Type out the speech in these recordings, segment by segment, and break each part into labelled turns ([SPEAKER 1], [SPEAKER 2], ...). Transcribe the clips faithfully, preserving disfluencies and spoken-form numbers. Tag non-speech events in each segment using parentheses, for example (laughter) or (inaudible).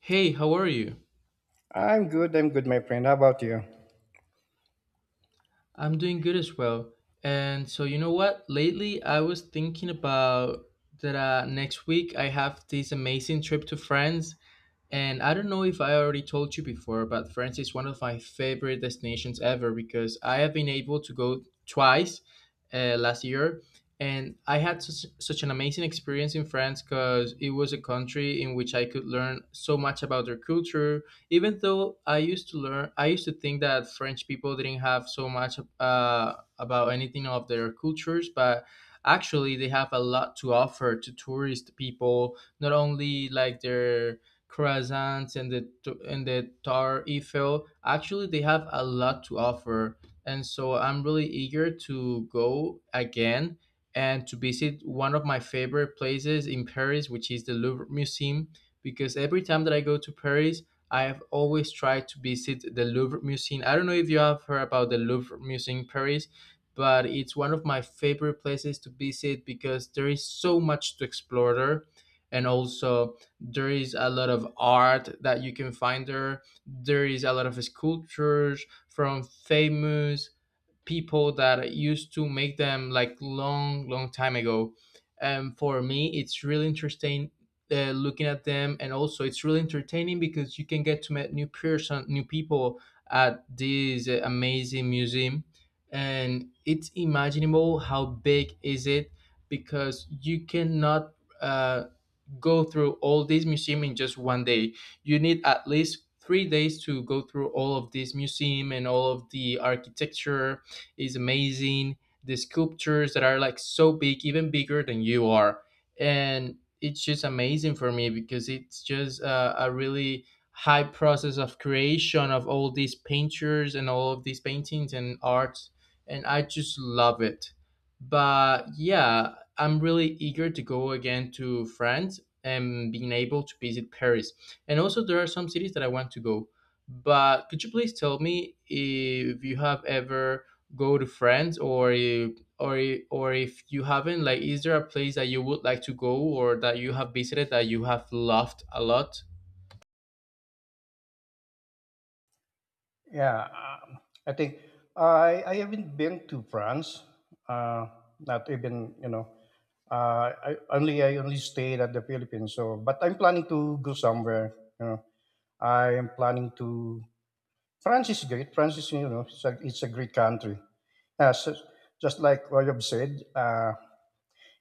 [SPEAKER 1] Hey, how are you?
[SPEAKER 2] I'm good. I'm good, my friend. How about you?
[SPEAKER 1] I'm doing good as well. And so, you know what? Lately, I was thinking about that uh, next week I have this amazing trip to France. And I don't know if I already told you before, but France is one of my favorite destinations ever because I have been able to go twice uh, last year. And I had such, such an amazing experience in France because it was a country in which I could learn so much about their culture, even though i used to learn I used to think that French people didn't have so much uh, about anything of their cultures. But actually they have a lot to offer to tourist people, not only like their croissants and the t- and the tar Eiffel. Actually they have a lot to offer, and so I'm really eager to go again and to visit one of my favorite places in Paris, which is the Louvre Museum. Because every time that I go to Paris, I have always tried to visit the Louvre Museum. I don't know if you have heard about the Louvre Museum in Paris, but it's one of my favorite places to visit because there is so much to explore there. And also, there is a lot of art that you can find there. There is a lot of sculptures from famous people that used to make them like long long time ago, and for me it's really interesting uh, looking at them. And also it's really entertaining because you can get to meet new person new people at this uh, amazing museum. And it's imaginable how big is it, because you cannot uh, go through all these museum in just one day. You need at least three days to go through all of this museum, and all of the architecture is amazing. The sculptures that are like so big, even bigger than you are, and it's just amazing for me because it's just uh, a really high process of creation of all these painters and all of these paintings and art, and I just love it. But yeah, I'm really eager to go again to France, um, being able to visit Paris. And also, there are some cities that I want to go. But could you please tell me if you have ever go to France, or if, or if- or if you haven't? Like, is there a place that you would like to go or that you have visited that you have loved a lot?
[SPEAKER 2] Yeah, um, I think I I haven't been to France. Uh, not even you know. Uh, I only I only stayed at the Philippines. So, but I'm planning to go somewhere. You know, I am planning to. France is great. France is you know it's a, it's a great country. Yeah, so just like what you've said, uh,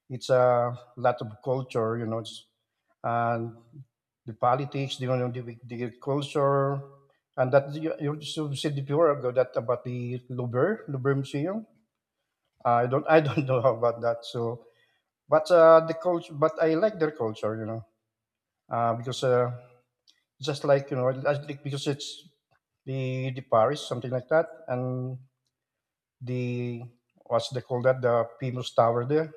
[SPEAKER 2] it's a lot of culture. You know, it's, and the politics, you know, the, the culture, and that you, you also said before ago that about the Louvre, Louvre Museum. I don't, I don't (laughs) know about that. So, but uh, the culture, but I like their culture, you know, uh, because uh, just like you know, I think because it's the the Paris, something like that, and the what's they call that, the famous tower there.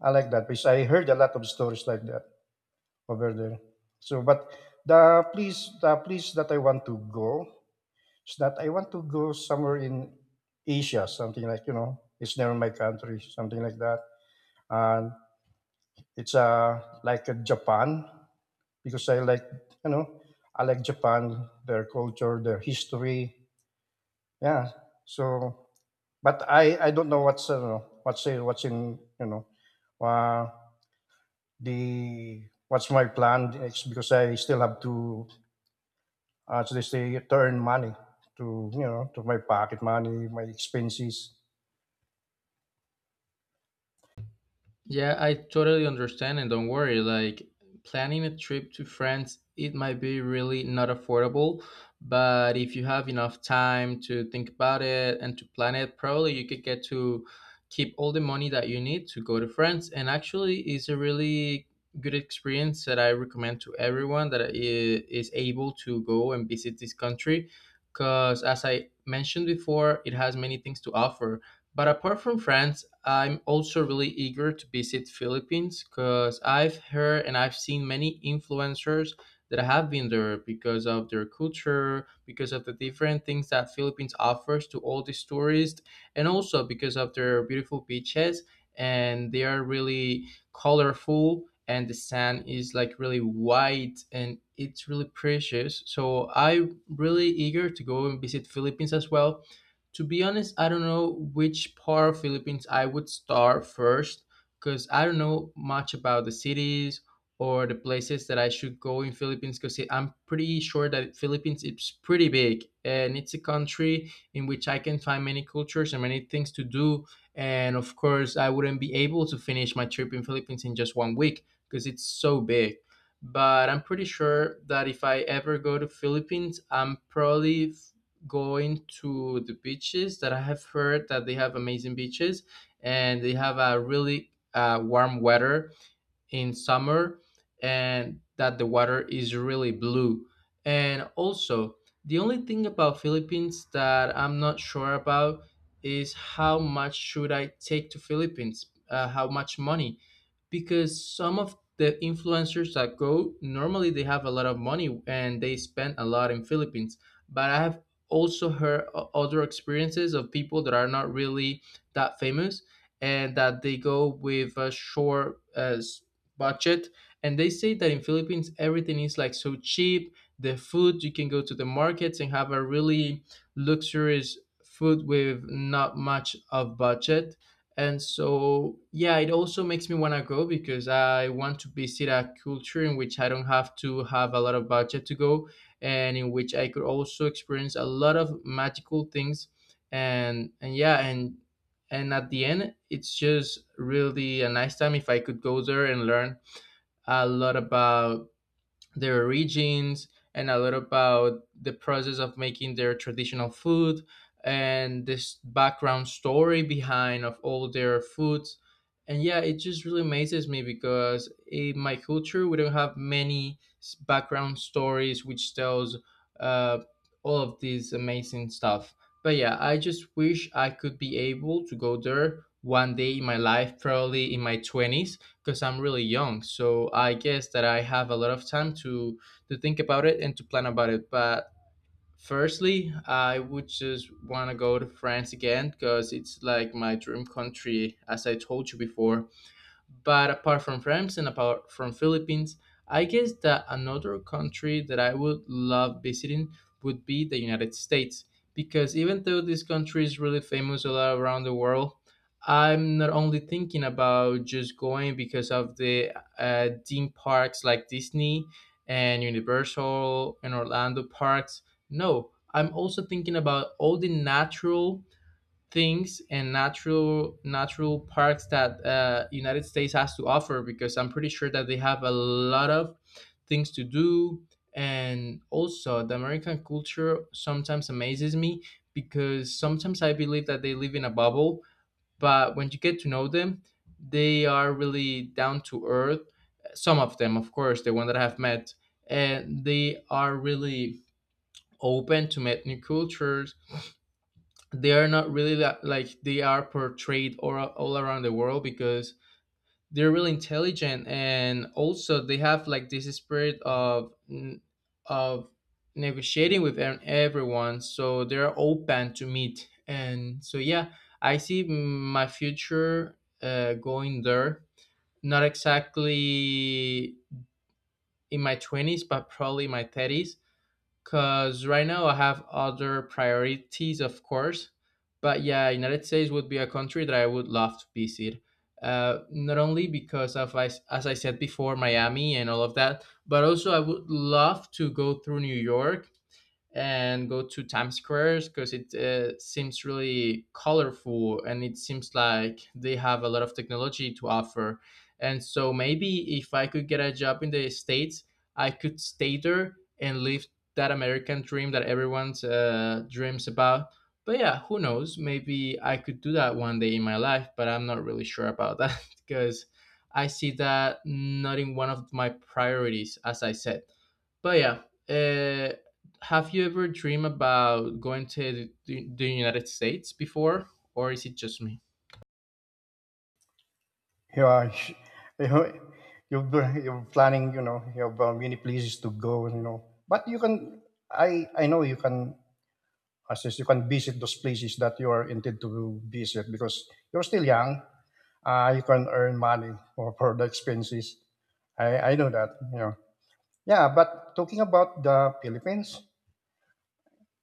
[SPEAKER 2] I like that because I heard a lot of stories like that over there. So, but the place, the place that I want to go So that I want to go somewhere in Asia, something like, you know, it's never my country, something like that. And it's uh, like a Japan, because I like, you know, I like Japan, their culture, their history. Yeah. So, but I, I don't know what's, uh, what's, in- what's in, you know, uh, the, what's my plan It's because I still have to, as they say, to earn money to, you know, to my pocket money, my expenses.
[SPEAKER 1] Yeah, I totally understand and don't worry. Like planning a trip to France, it might be really not affordable, but if you have enough time to think about it and to plan it, probably you could get to keep all the money that you need to go to France. And actually, it's a really good experience that I recommend to everyone that i- is able to go and visit this country, because as I mentioned before, it has many things to offer. But apart from France, I'm also really eager to visit Philippines because I've heard and I've seen many influencers that have been there because of their culture, because of the different things that Philippines offers to all these tourists, and also because of their beautiful beaches. And they are really colorful, and the sand is like really white and it's really precious. So I'm really eager to go and visit Philippines as well. To be honest, I don't know which part of Philippines I would start first, because I don't know much about the cities or the places that I should go in Philippines, because I'm pretty sure that Philippines is pretty big and it's a country in which I can find many cultures and many things to do. And of course, I wouldn't be able to finish my trip in Philippines in just one week because it's so big. But I'm pretty sure that if I ever go to Philippines, I'm probably going to the beaches that I have heard that they have amazing beaches, and they have a really uh, warm weather in summer, and that the water is really blue. And also, the only thing about Philippines that I'm not sure about is, how much should I take to Philippines? Uh, how much money? Because some of the influencers that go normally they have a lot of money, and they spend a lot in Philippines. But I have also heard o- other experiences of people that are not really that famous, and that they go with a short uh, s- budget. And they say that in Philippines everything is like so cheap. The food, you can go to the markets and have a really luxurious food with not much of budget. And so yeah, it also makes me want to go, because I want to visit a culture in which I don't have to have a lot of budget to go, and in which I could also experience a lot of magical things. And and yeah, and and at the end it's just really a nice time if I could go there and learn a lot about their origins, and a lot about the process of making their traditional food and this background story behind of all their foods. And yeah, it just really amazes me, because in my culture we don't have many s- background stories which tells uh, all of this amazing stuff. But yeah, I just wish I could be able to go there one day in my life, probably in my twenties, because I'm really young. So I guess that I have a lot of time to to think about it and to plan about it. But firstly, I would just want to go to France again, because it's like my dream country, as I told you before. But apart from France and apart from Philippines, I guess that another country that I would love visiting would be the United States, because even though this country is really famous all around the world, I'm not only thinking about just going because of the uh, theme parks like Disney and Universal and Orlando parks. No, I'm also thinking about all the natural things and natural natural parks that uh, United States has to offer, because I'm pretty sure that they have a lot of things to do. And also the American culture sometimes amazes me, because sometimes I believe that they live in a bubble, but when you get to know them, they are really down to earth, some of them of course, the one that I have met. And they are really open to meet new cultures. They are not really that like they are portrayed or all around the world, because they're really intelligent. And also they have like this spirit of n- of negotiating with e- everyone, so they're open to meet. And so yeah, I see my future uh, going there, not exactly in my twenties but probably my thirties. Cause right now I have other priorities, of course. But yeah, United States would be a country that I would love to visit. Uh, not only because of, as, as I said before, Miami and all of that, but also I would love to go through New York and go to Times Squares, because it uh, seems really colorful and it seems like they have a lot of technology to offer. And so maybe if I could get a job in the States, I could stay there and live that American dream that everyone's uh, dreams about. But yeah, who knows? Maybe I could do that one day in my life, but I'm not really sure about that (laughs) because I see that not in one of my priorities, as I said. But yeah, uh, have you ever dreamed about going to the, the United States before, or is it just me?
[SPEAKER 2] You are (laughs) you know, you're, you're planning you know you have uh, many places to go you know but you can i i know you can assist you can visit those places that you are intended to visit because you're still young uh, you can earn money for, for the expenses i i know that you know yeah but talking about the philippines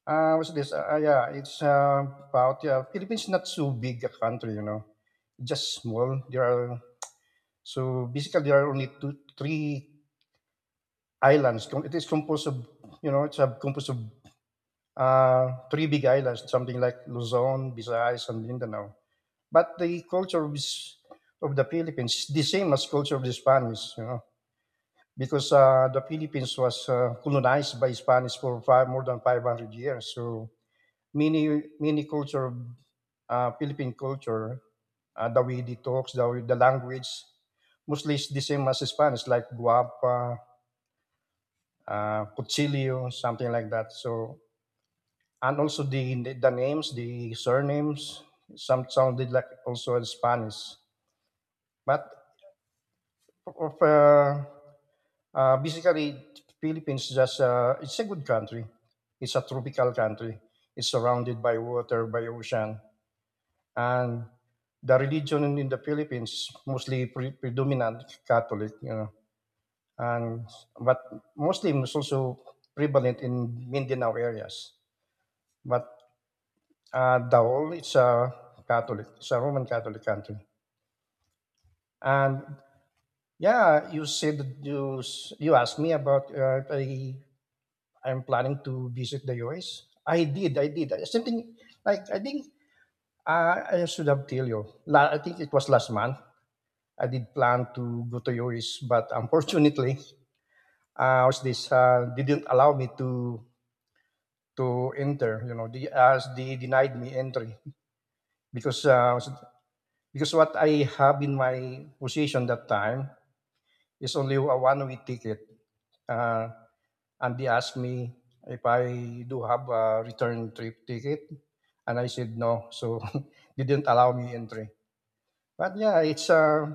[SPEAKER 2] uh what's this uh, yeah it's uh, about yeah philippines not so big a country you know just small there are so basically, there are only two, three islands. It is composed of, you know, it's a composed of uh, three big islands, something like Luzon, Visayas, and Mindanao. But the culture of, s- of the Philippines, the same as culture of the Spanish, you know, because uh, the Philippines was uh, colonized by Spanish for five, more than five hundred years. So many, many culture, of, uh, Philippine culture, uh, the way they talk, the, way- the language, mostly it's the same as Spanish, like guapa, uh, cuchillo, something like that. So and also the the the names, the surnames, some sounded like also in Spanish. But of uh, uh, basically, Philippines is just uh, it's a good country. It's a tropical country. It's surrounded by water, by ocean, and the religion in in the Philippines is mostly pre- predominant Catholic, you know, and but Muslim is also prevalent in Mindanao areas. But Uh, Daul it's a Catholic, it's a Roman Catholic country. And yeah, you said that you s- you asked me about uh, if I I'm planning to visit the U S. I did, I did. Something like I think uh, I should have tell you. La- I think it was last month. I did plan to go to U S, but (laughs) unfortunately, uh, was this uh, didn't allow me to to enter. You know, the, as they denied me entry because uh, Because what I have in my position that time is only a one-way ticket. Uh, and they asked me if I do have a return trip ticket, and I said no, so (laughs) they didn't allow me entry. But yeah, it's a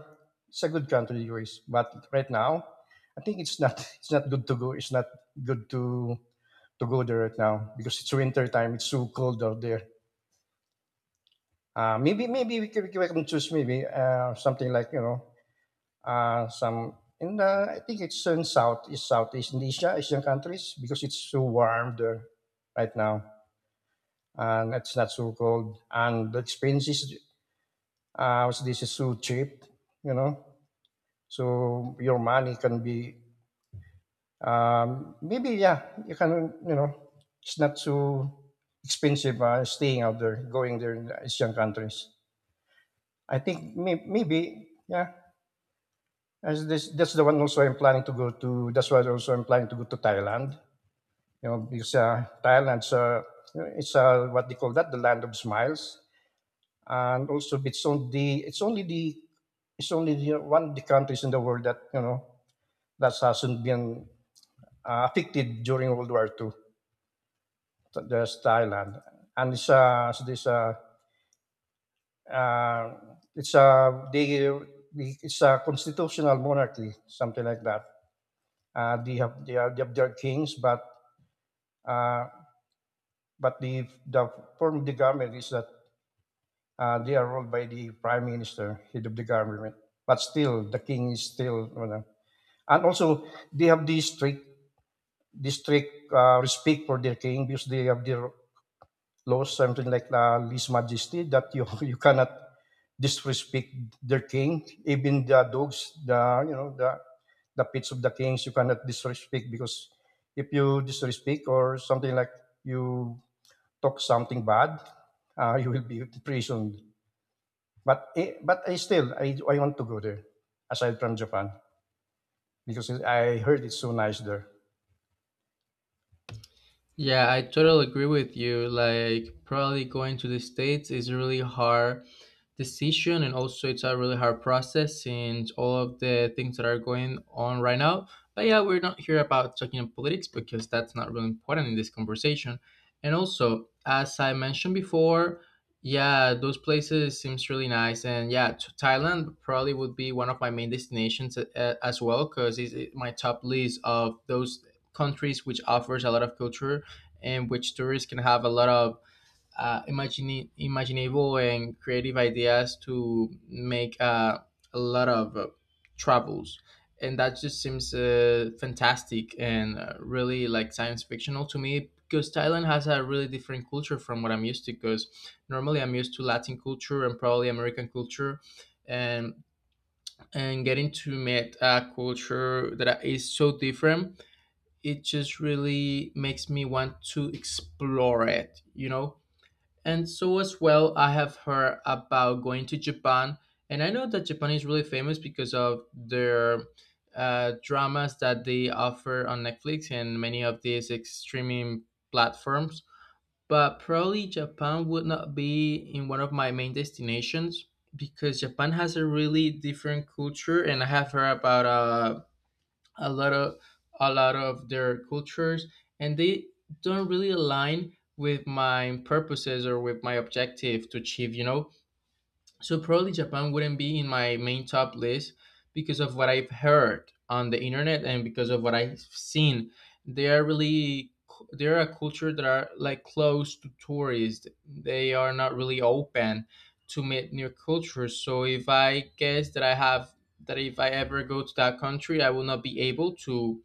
[SPEAKER 2] it's a good country, U S. But right now, I think it's not (laughs) it's not good to go. It's not good to to go there right now because it's winter time. It's so cold out there. Uh, maybe maybe we can, we can choose maybe uh, something like you know uh, some in the I think it's in Southeast, Southeast Asia, Asian countries because it's so warm there right now and it's not so cold and the expenses uh, so this is so cheap, you know. So your money can be um, maybe yeah you can you know it's not so expensive uh, staying out there going there in the Asian countries. I think may- maybe yeah. As this, that's the one also I'm planning to go to. That's why also I'm planning to go to Thailand You know, because uh, Thailand's uh, it's uh, what they call that the land of smiles, and also it's on the it's only the it's only the, one of the countries in the world that you know that hasn't been uh, affected during World War second. Th- There's Thailand, and it's uh, so this uh, uh, it's uh, they, they- it's a constitutional monarchy, something like that. Uh, they have they have, they have their kings, but uh, but the the form of the government is that Uh, they are ruled by the prime minister, head of the government. But still, the king is still. You know. And also, they have this strict, this strict uh, respect for their king because they have their laws, something like uh, Lis Majesty, that you (laughs) you cannot disrespect their king. Even the dogs, the you know the the pets of the kings, you cannot disrespect because if you disrespect or something like you talk something bad, uh, (laughs) you will be imprisoned. But I, but I still I, I want to go there aside from Japan because I heard it's so nice there.
[SPEAKER 1] Yeah, I totally agree with you. Like, probably going to the States is a really hard decision, and also it's a really hard process since all of the things that are going on right now. But yeah, we're not here about talking politics because that's not really important in this conversation. And also, as I mentioned before, yeah, those places seems really nice, and yeah, to Thailand probably would be one of my main destinations uh, as well, because it's my top list of those countries which offers a lot of culture in which tourists can have a lot of uh, imagine, imaginable and creative ideas to make uh, a lot of uh, travels. And that just seems uh, fantastic and uh, really like science fictional to me, because Thailand has a really different culture from what I'm used to. Because normally I'm used to Latin culture and probably American culture, and and getting to meet a culture that is so different, it just really makes me want to explore it, you know? And so, as well, I have heard about going to Japan. And I know that Japan is really famous because of their uh, dramas that they offer on Netflix and many of these ex- streaming platforms. But probably Japan would not be in one of my main destinations because Japan has a really different culture. And I have heard about uh, a lot of a lot of their cultures, and they don't really align with my purposes or with my objective to achieve, you know. So probably Japan wouldn't be in my main top list because of what I've heard on the internet and because of what I've seen. They are really they are a culture that are like closed to tourists. They are not really open to meet new cultures. So if I guess that I have, that if I ever go to that country, I will not be able to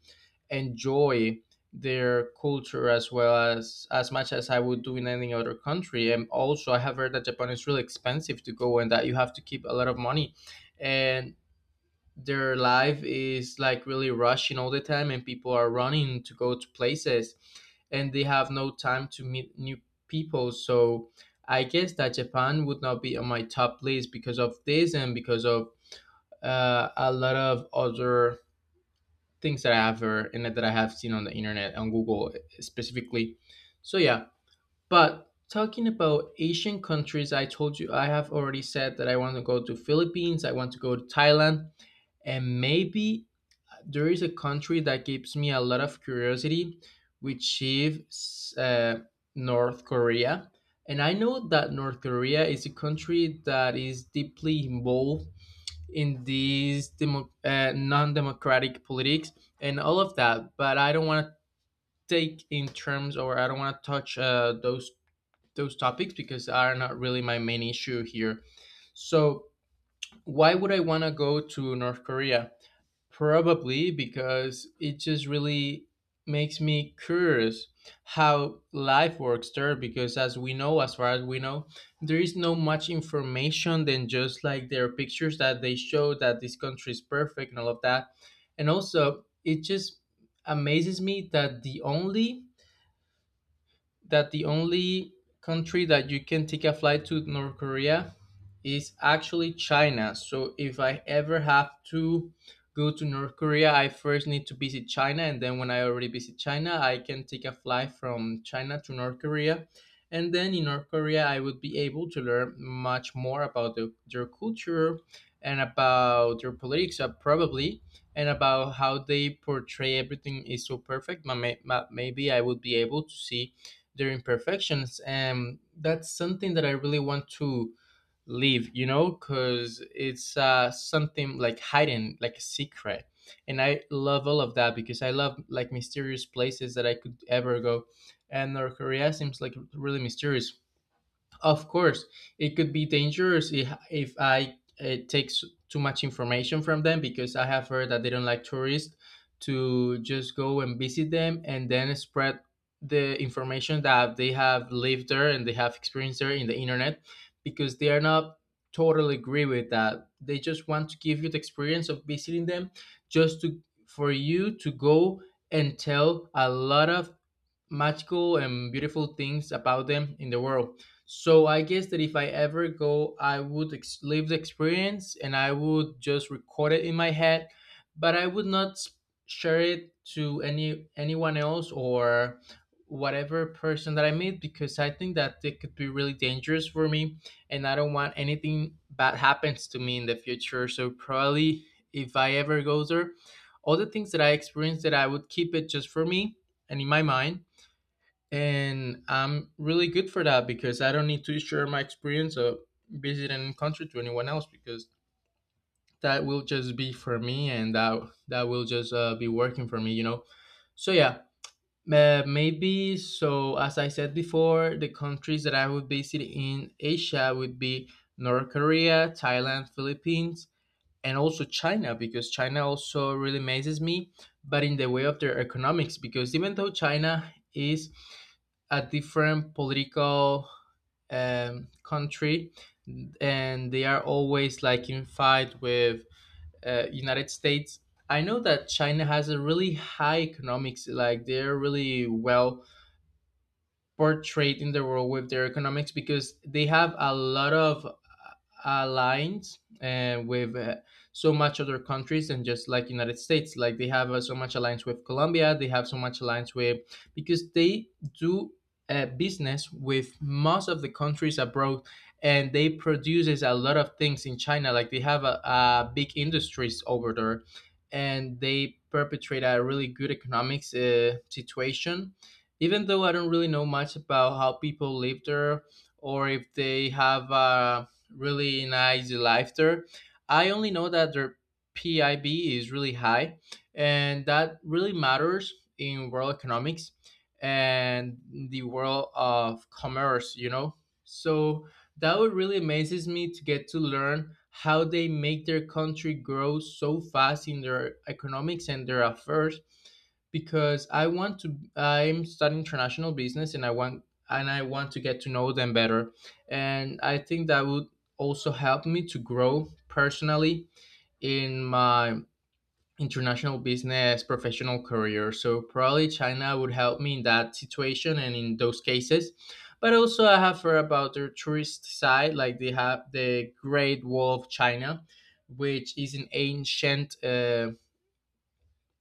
[SPEAKER 1] enjoy their culture as well, as as much as I would do in any other country. And also, I have heard that Japan is really expensive to go and that you have to keep a lot of money, and their life is like really rushing all the time, and people are running to go to places, and they have no time to meet new people. So I guess that Japan would not be on my top list because of this and because of uh, a lot of other things that I have heard and that I have seen on the internet, on Google, eh, specifically. So yeah, but talking about Asian countries, I told you I have already said that I want to go to Philippines, I want to go to Thailand, and maybe there is a country that gives me a lot of curiosity, which is uh, North Korea. And I know that North Korea is a country that is deeply involved in these demo- uh, non-democratic politics and all of that, but I don't want to take in terms, or I don't want to touch uh, those those topics because are not really my main issue here. So why would I want to go to North Korea? Probably because it just really makes me curious how life works there, because as we know, as far as we know, there is no much information than just like their pictures that they show, that this country is perfect and all of that. And also, it just amazes me that the only that the only country that you can take a flight to North Korea is actually China. So if I ever have to go to North Korea, I first need to visit China, and then when I already visit China, I can take a flight from China to North Korea. And then in North Korea, I would be able to learn much more about the, their culture, and about their politics, uh, probably, and about how they portray everything is so perfect. Ma- ma- Maybe I would be able to see their imperfections, and that's something that I really want to leave, you know, because it's uh, something like hidden, like a secret. And I love all of that because I love like mysterious places that I could ever go, and North Korea seems like really mysterious. Of course, it could be dangerous if, if I uh, take s- too much information from them, because I have heard that they don't like tourists to just go and visit them and then spread the information that they have lived there and they have experienced there in the internet, because they are not totally agree with that. They just want to give you the experience of visiting them, just to, for you to go and tell a lot of magical and beautiful things about them in the world. So I guess that if I ever go, I would ex- live the experience, and I would just record it in my head, but I would not s- share it to any anyone else or whatever person that I meet, because I think that it could be really dangerous for me, and I don't want anything bad happens to me in the future. So probably if I ever go there, all the things that I experienced, that I would keep it just for me and in my mind, and I'm really good for that, because I don't need to share my experience of visiting country to anyone else, because that will just be for me, and that that will just uh, be working for me, you know. So yeah, uh, maybe, so as I said before, the countries that I would visit in Asia would be North Korea, Thailand, Philippines, and also China, because China also really amazes me, but in the way of their economics, because even though China is a different political um, country, and they are always like in fight with uh, United States. I know that China has a really high economics, like they're really well portrayed in the world with their economics, because they have a lot of uh, alliance uh, with uh, so much other countries than just like United States. Like they have uh, so much alliance with Colombia, they have so much alliance with, because they do uh, business with most of the countries abroad, and they produces a lot of things in China, like they have a, a big industries over there, and they perpetrate a really good economics uh, situation, even though I don't really know much about how people live there, or if they have a really nice life there. I only know that their P I B is really high, and that really matters in world economics and the world of commerce, you know? So that would really amazes me, to get to learn how they make their country grow so fast in their economics and their affairs, because I want to I'm studying international business and I want and I want to get to know them better. And I think that would also help me to grow personally in my international business professional career. So probably China would help me in that situation and in those cases. But also I have heard about their tourist side, like they have the Great Wall of China, which is an ancient uh,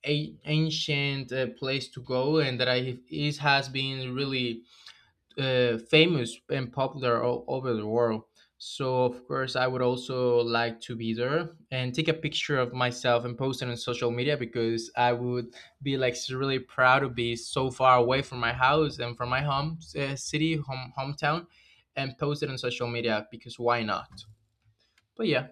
[SPEAKER 1] a- ancient uh, place to go, and that I, it has been really uh, famous and popular all over the world. So of course I would also like to be there and take a picture of myself and post it on social media, because I would be like s- really proud to be so far away from my house and from my home, uh, city home hometown, and post it on social media because why not? But yeah.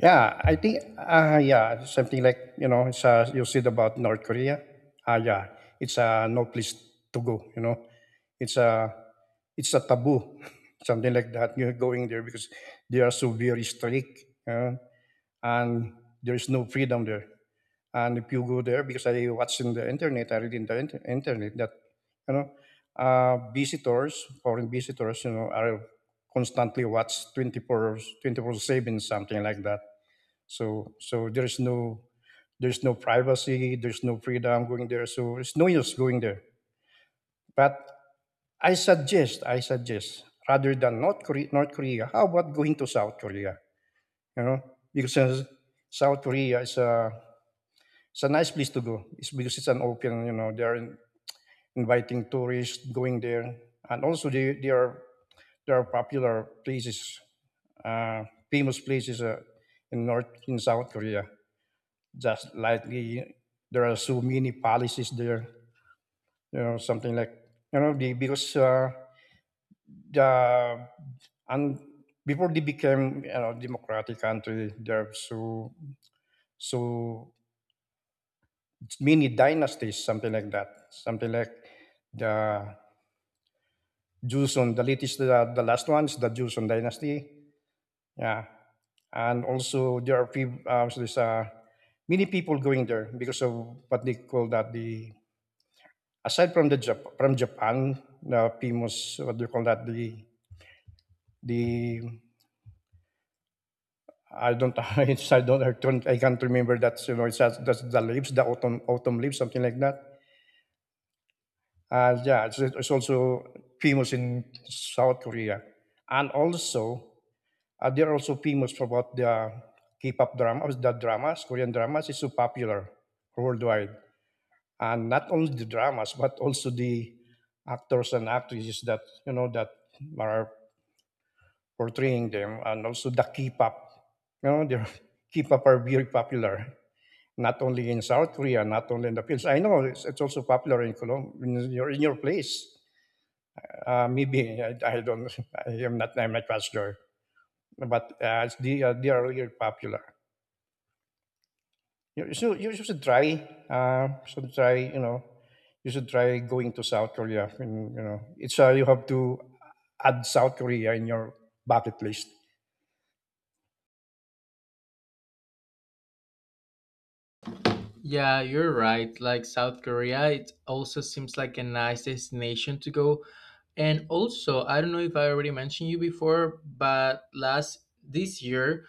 [SPEAKER 2] Yeah, I think uh, yeah something like you know it's uh, you said about North Korea. Ah yeah, it's uh, no place to go. You know, it's a it's a taboo (laughs) something like that. You're going there because they are so very strict you and there is no freedom there. And if you go there, because I watched in the internet, I read in the inter- internet that you know uh, visitors, foreign visitors, you know, are constantly watched twenty four twenty four seven, something like that. So so there's no there's no privacy, there's no freedom going there. So it's no use going there. But I suggest, I suggest, rather than North Korea, North Korea, how about going to South Korea? You know, because uh, South Korea is a It's a nice place to go. It's because it's an open, you know, they are in- inviting tourists going there, and also they, they are there are popular places, uh, famous places uh, in North in South Korea. Just like the, there are so many palaces there, you know, something like you know, the, because uh, the and before they became you know democratic country, there are so so many dynasties, something like that, something like the Joseon. The latest, uh, the last one is the Joseon dynasty. Yeah, and also there are people, uh, so there's uh, many people going there because of what they call that the aside from the Jap- from Japan, the famous what do you call that the the I don't (laughs) it's, I don't I don't I can't remember that you know it's that- that's the leaves the autumn autumn leaves something like that. Uh, yeah, it's, it's also famous in South Korea, and also Uh, they're also famous for what the K-pop dramas, the dramas, Korean dramas is so popular worldwide. And not only the dramas, but also the actors and actresses that, you know, that are portraying them and also the K-pop. You know, the (laughs) K-pop are very popular, not only in South Korea, not only in the Philippines. I know it's, it's also popular in Colombia, in your, in your place. Uh, maybe (laughs) I, I don't, (laughs) I am not, I'm not quite sure, but uh, it's- they, are- they are really popular. You, should you should try. Uh, should try. You know, you should try going to South Korea. And, you know, it's uh, you have to add South Korea in your bucket list.
[SPEAKER 1] Yeah, you're right. Like South Korea, it also seems like a nice destination to go. And also, I don't know if I already mentioned you before, but last this year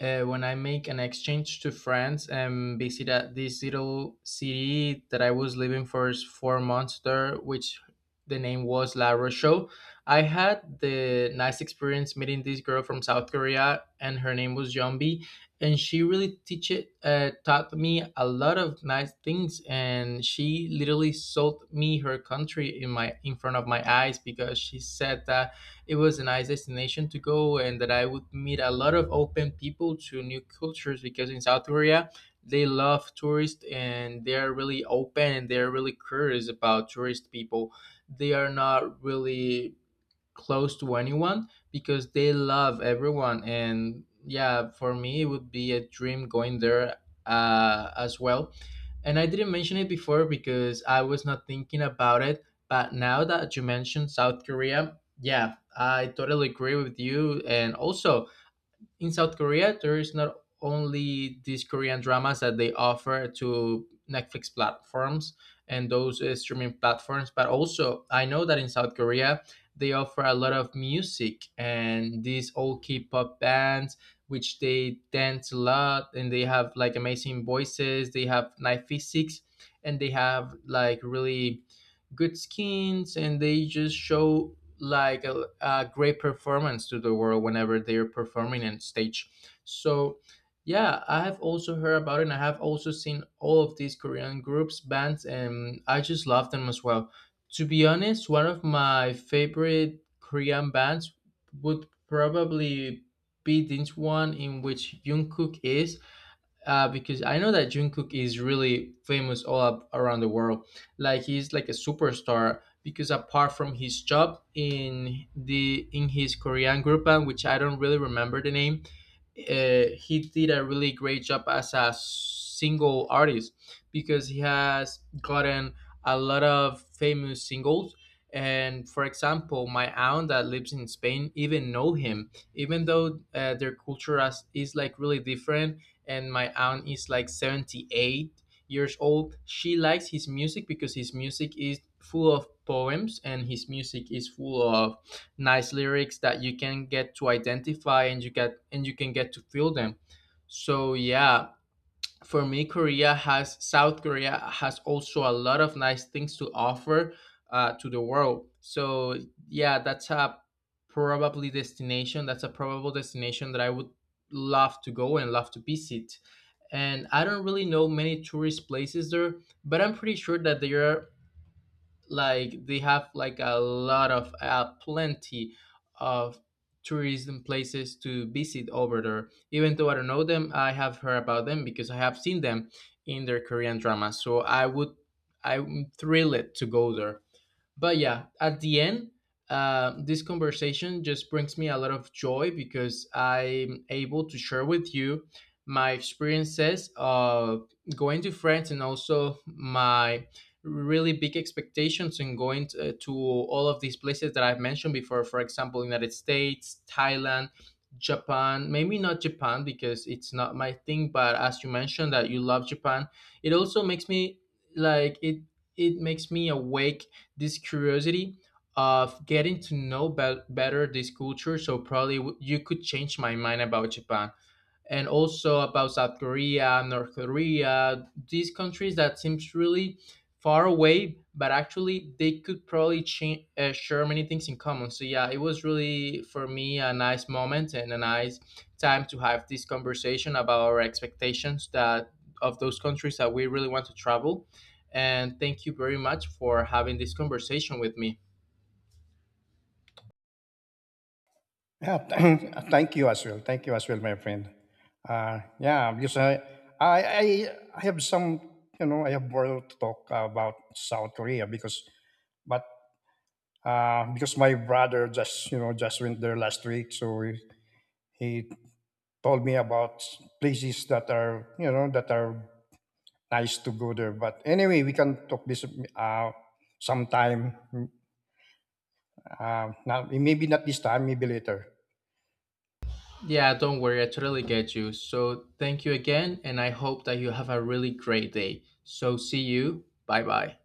[SPEAKER 1] uh, when I make an exchange to France and visit this little city that I was living for s- four months there, which the name was La Rochelle. I had the nice experience meeting this girl from South Korea, and her name was Yumbi, and she really teach it, uh, taught me a lot of nice things, and she literally sold me her country in my, in front of my eyes, because she said that it was a nice destination to go and that I would meet a lot of open people to new cultures, because in South Korea they love tourists, and they are really open, and they are really curious about tourist people. They are not really close to anyone because they love everyone. And yeah, for me it would be a dream going there uh, as well. And I didn't mention it before because I was not thinking about it, but now that you mentioned South Korea, yeah, I totally agree with you. And also in South Korea, there is not only these Korean dramas that they offer to Netflix platforms and those uh, streaming platforms, but also I know that in South Korea they offer a lot of music and these old K-pop bands, which they dance a lot, and they have like amazing voices, they have nice physics, and they have like really good skins, and they just show like a, a great performance to the world whenever they're performing on stage. So yeah, I have also heard about it, and I have also seen all of these Korean groups bands, and I just love them as well. To be honest, one of my favorite Korean bands would probably be this one in which Jungkook is, uh, because I know that Jungkook is really famous all up around the world. Like he's like a superstar, because apart from his job in the, in his Korean group band, which I don't really remember the name, uh, he did a really great job as a single artist, because he has gotten a lot of famous singles. And for example, my aunt that lives in Spain even know him, even though uh, their culture as, is like really different, and my aunt is like seventy-eight years old. She likes his music because his music is full of poems, and his music is full of nice lyrics that you can get to identify, and you get and you can get to feel them. So yeah, for me, Korea has South Korea has also a lot of nice things to offer uh, to the world. So yeah, that's a probably destination. That's a probable destination that I would love to go and love to visit. And I don't really know many tourist places there, but I'm pretty sure that there are, like they have like a lot of uh, plenty of tourism places to visit over there, even though I don't know them. I have heard about them because I have seen them in their Korean drama. So i would I'm thrilled to go there. But yeah, at the end, uh, this conversation just brings me a lot of joy because I'm able to share with you my experiences of going to France, and also my really big expectations in going to, to all of these places that I've mentioned before. For example, United States, Thailand, Japan. Maybe not Japan because it's not my thing. But as you mentioned that you love Japan, it also makes me like it. It makes me awake this curiosity of getting to know bet better this culture. So probably w- you could change my mind about Japan, and also about South Korea, North Korea, these countries that seems really far away, but actually they could probably cha- uh, share many things in common. So yeah, it was really for me a nice moment and a nice time to have this conversation about our expectations that of those countries that we really want to travel. And thank you very much for having this conversation with me.
[SPEAKER 2] Yeah, (clears throat) thank you as well. Thank you as well, my friend. Uh, yeah, because I, I, I I have some, you know, I have more to talk about South Korea because, but uh, because my brother just, you know, just went there last week, so he, he told me about places that are, you know, that are nice to go there. But anyway, we can talk this uh, sometime. Uh, now, maybe not this time, maybe later.
[SPEAKER 1] Yeah, don't worry. I totally get you. So thank you again, and I hope that you have a really great day. So, see you. Bye bye.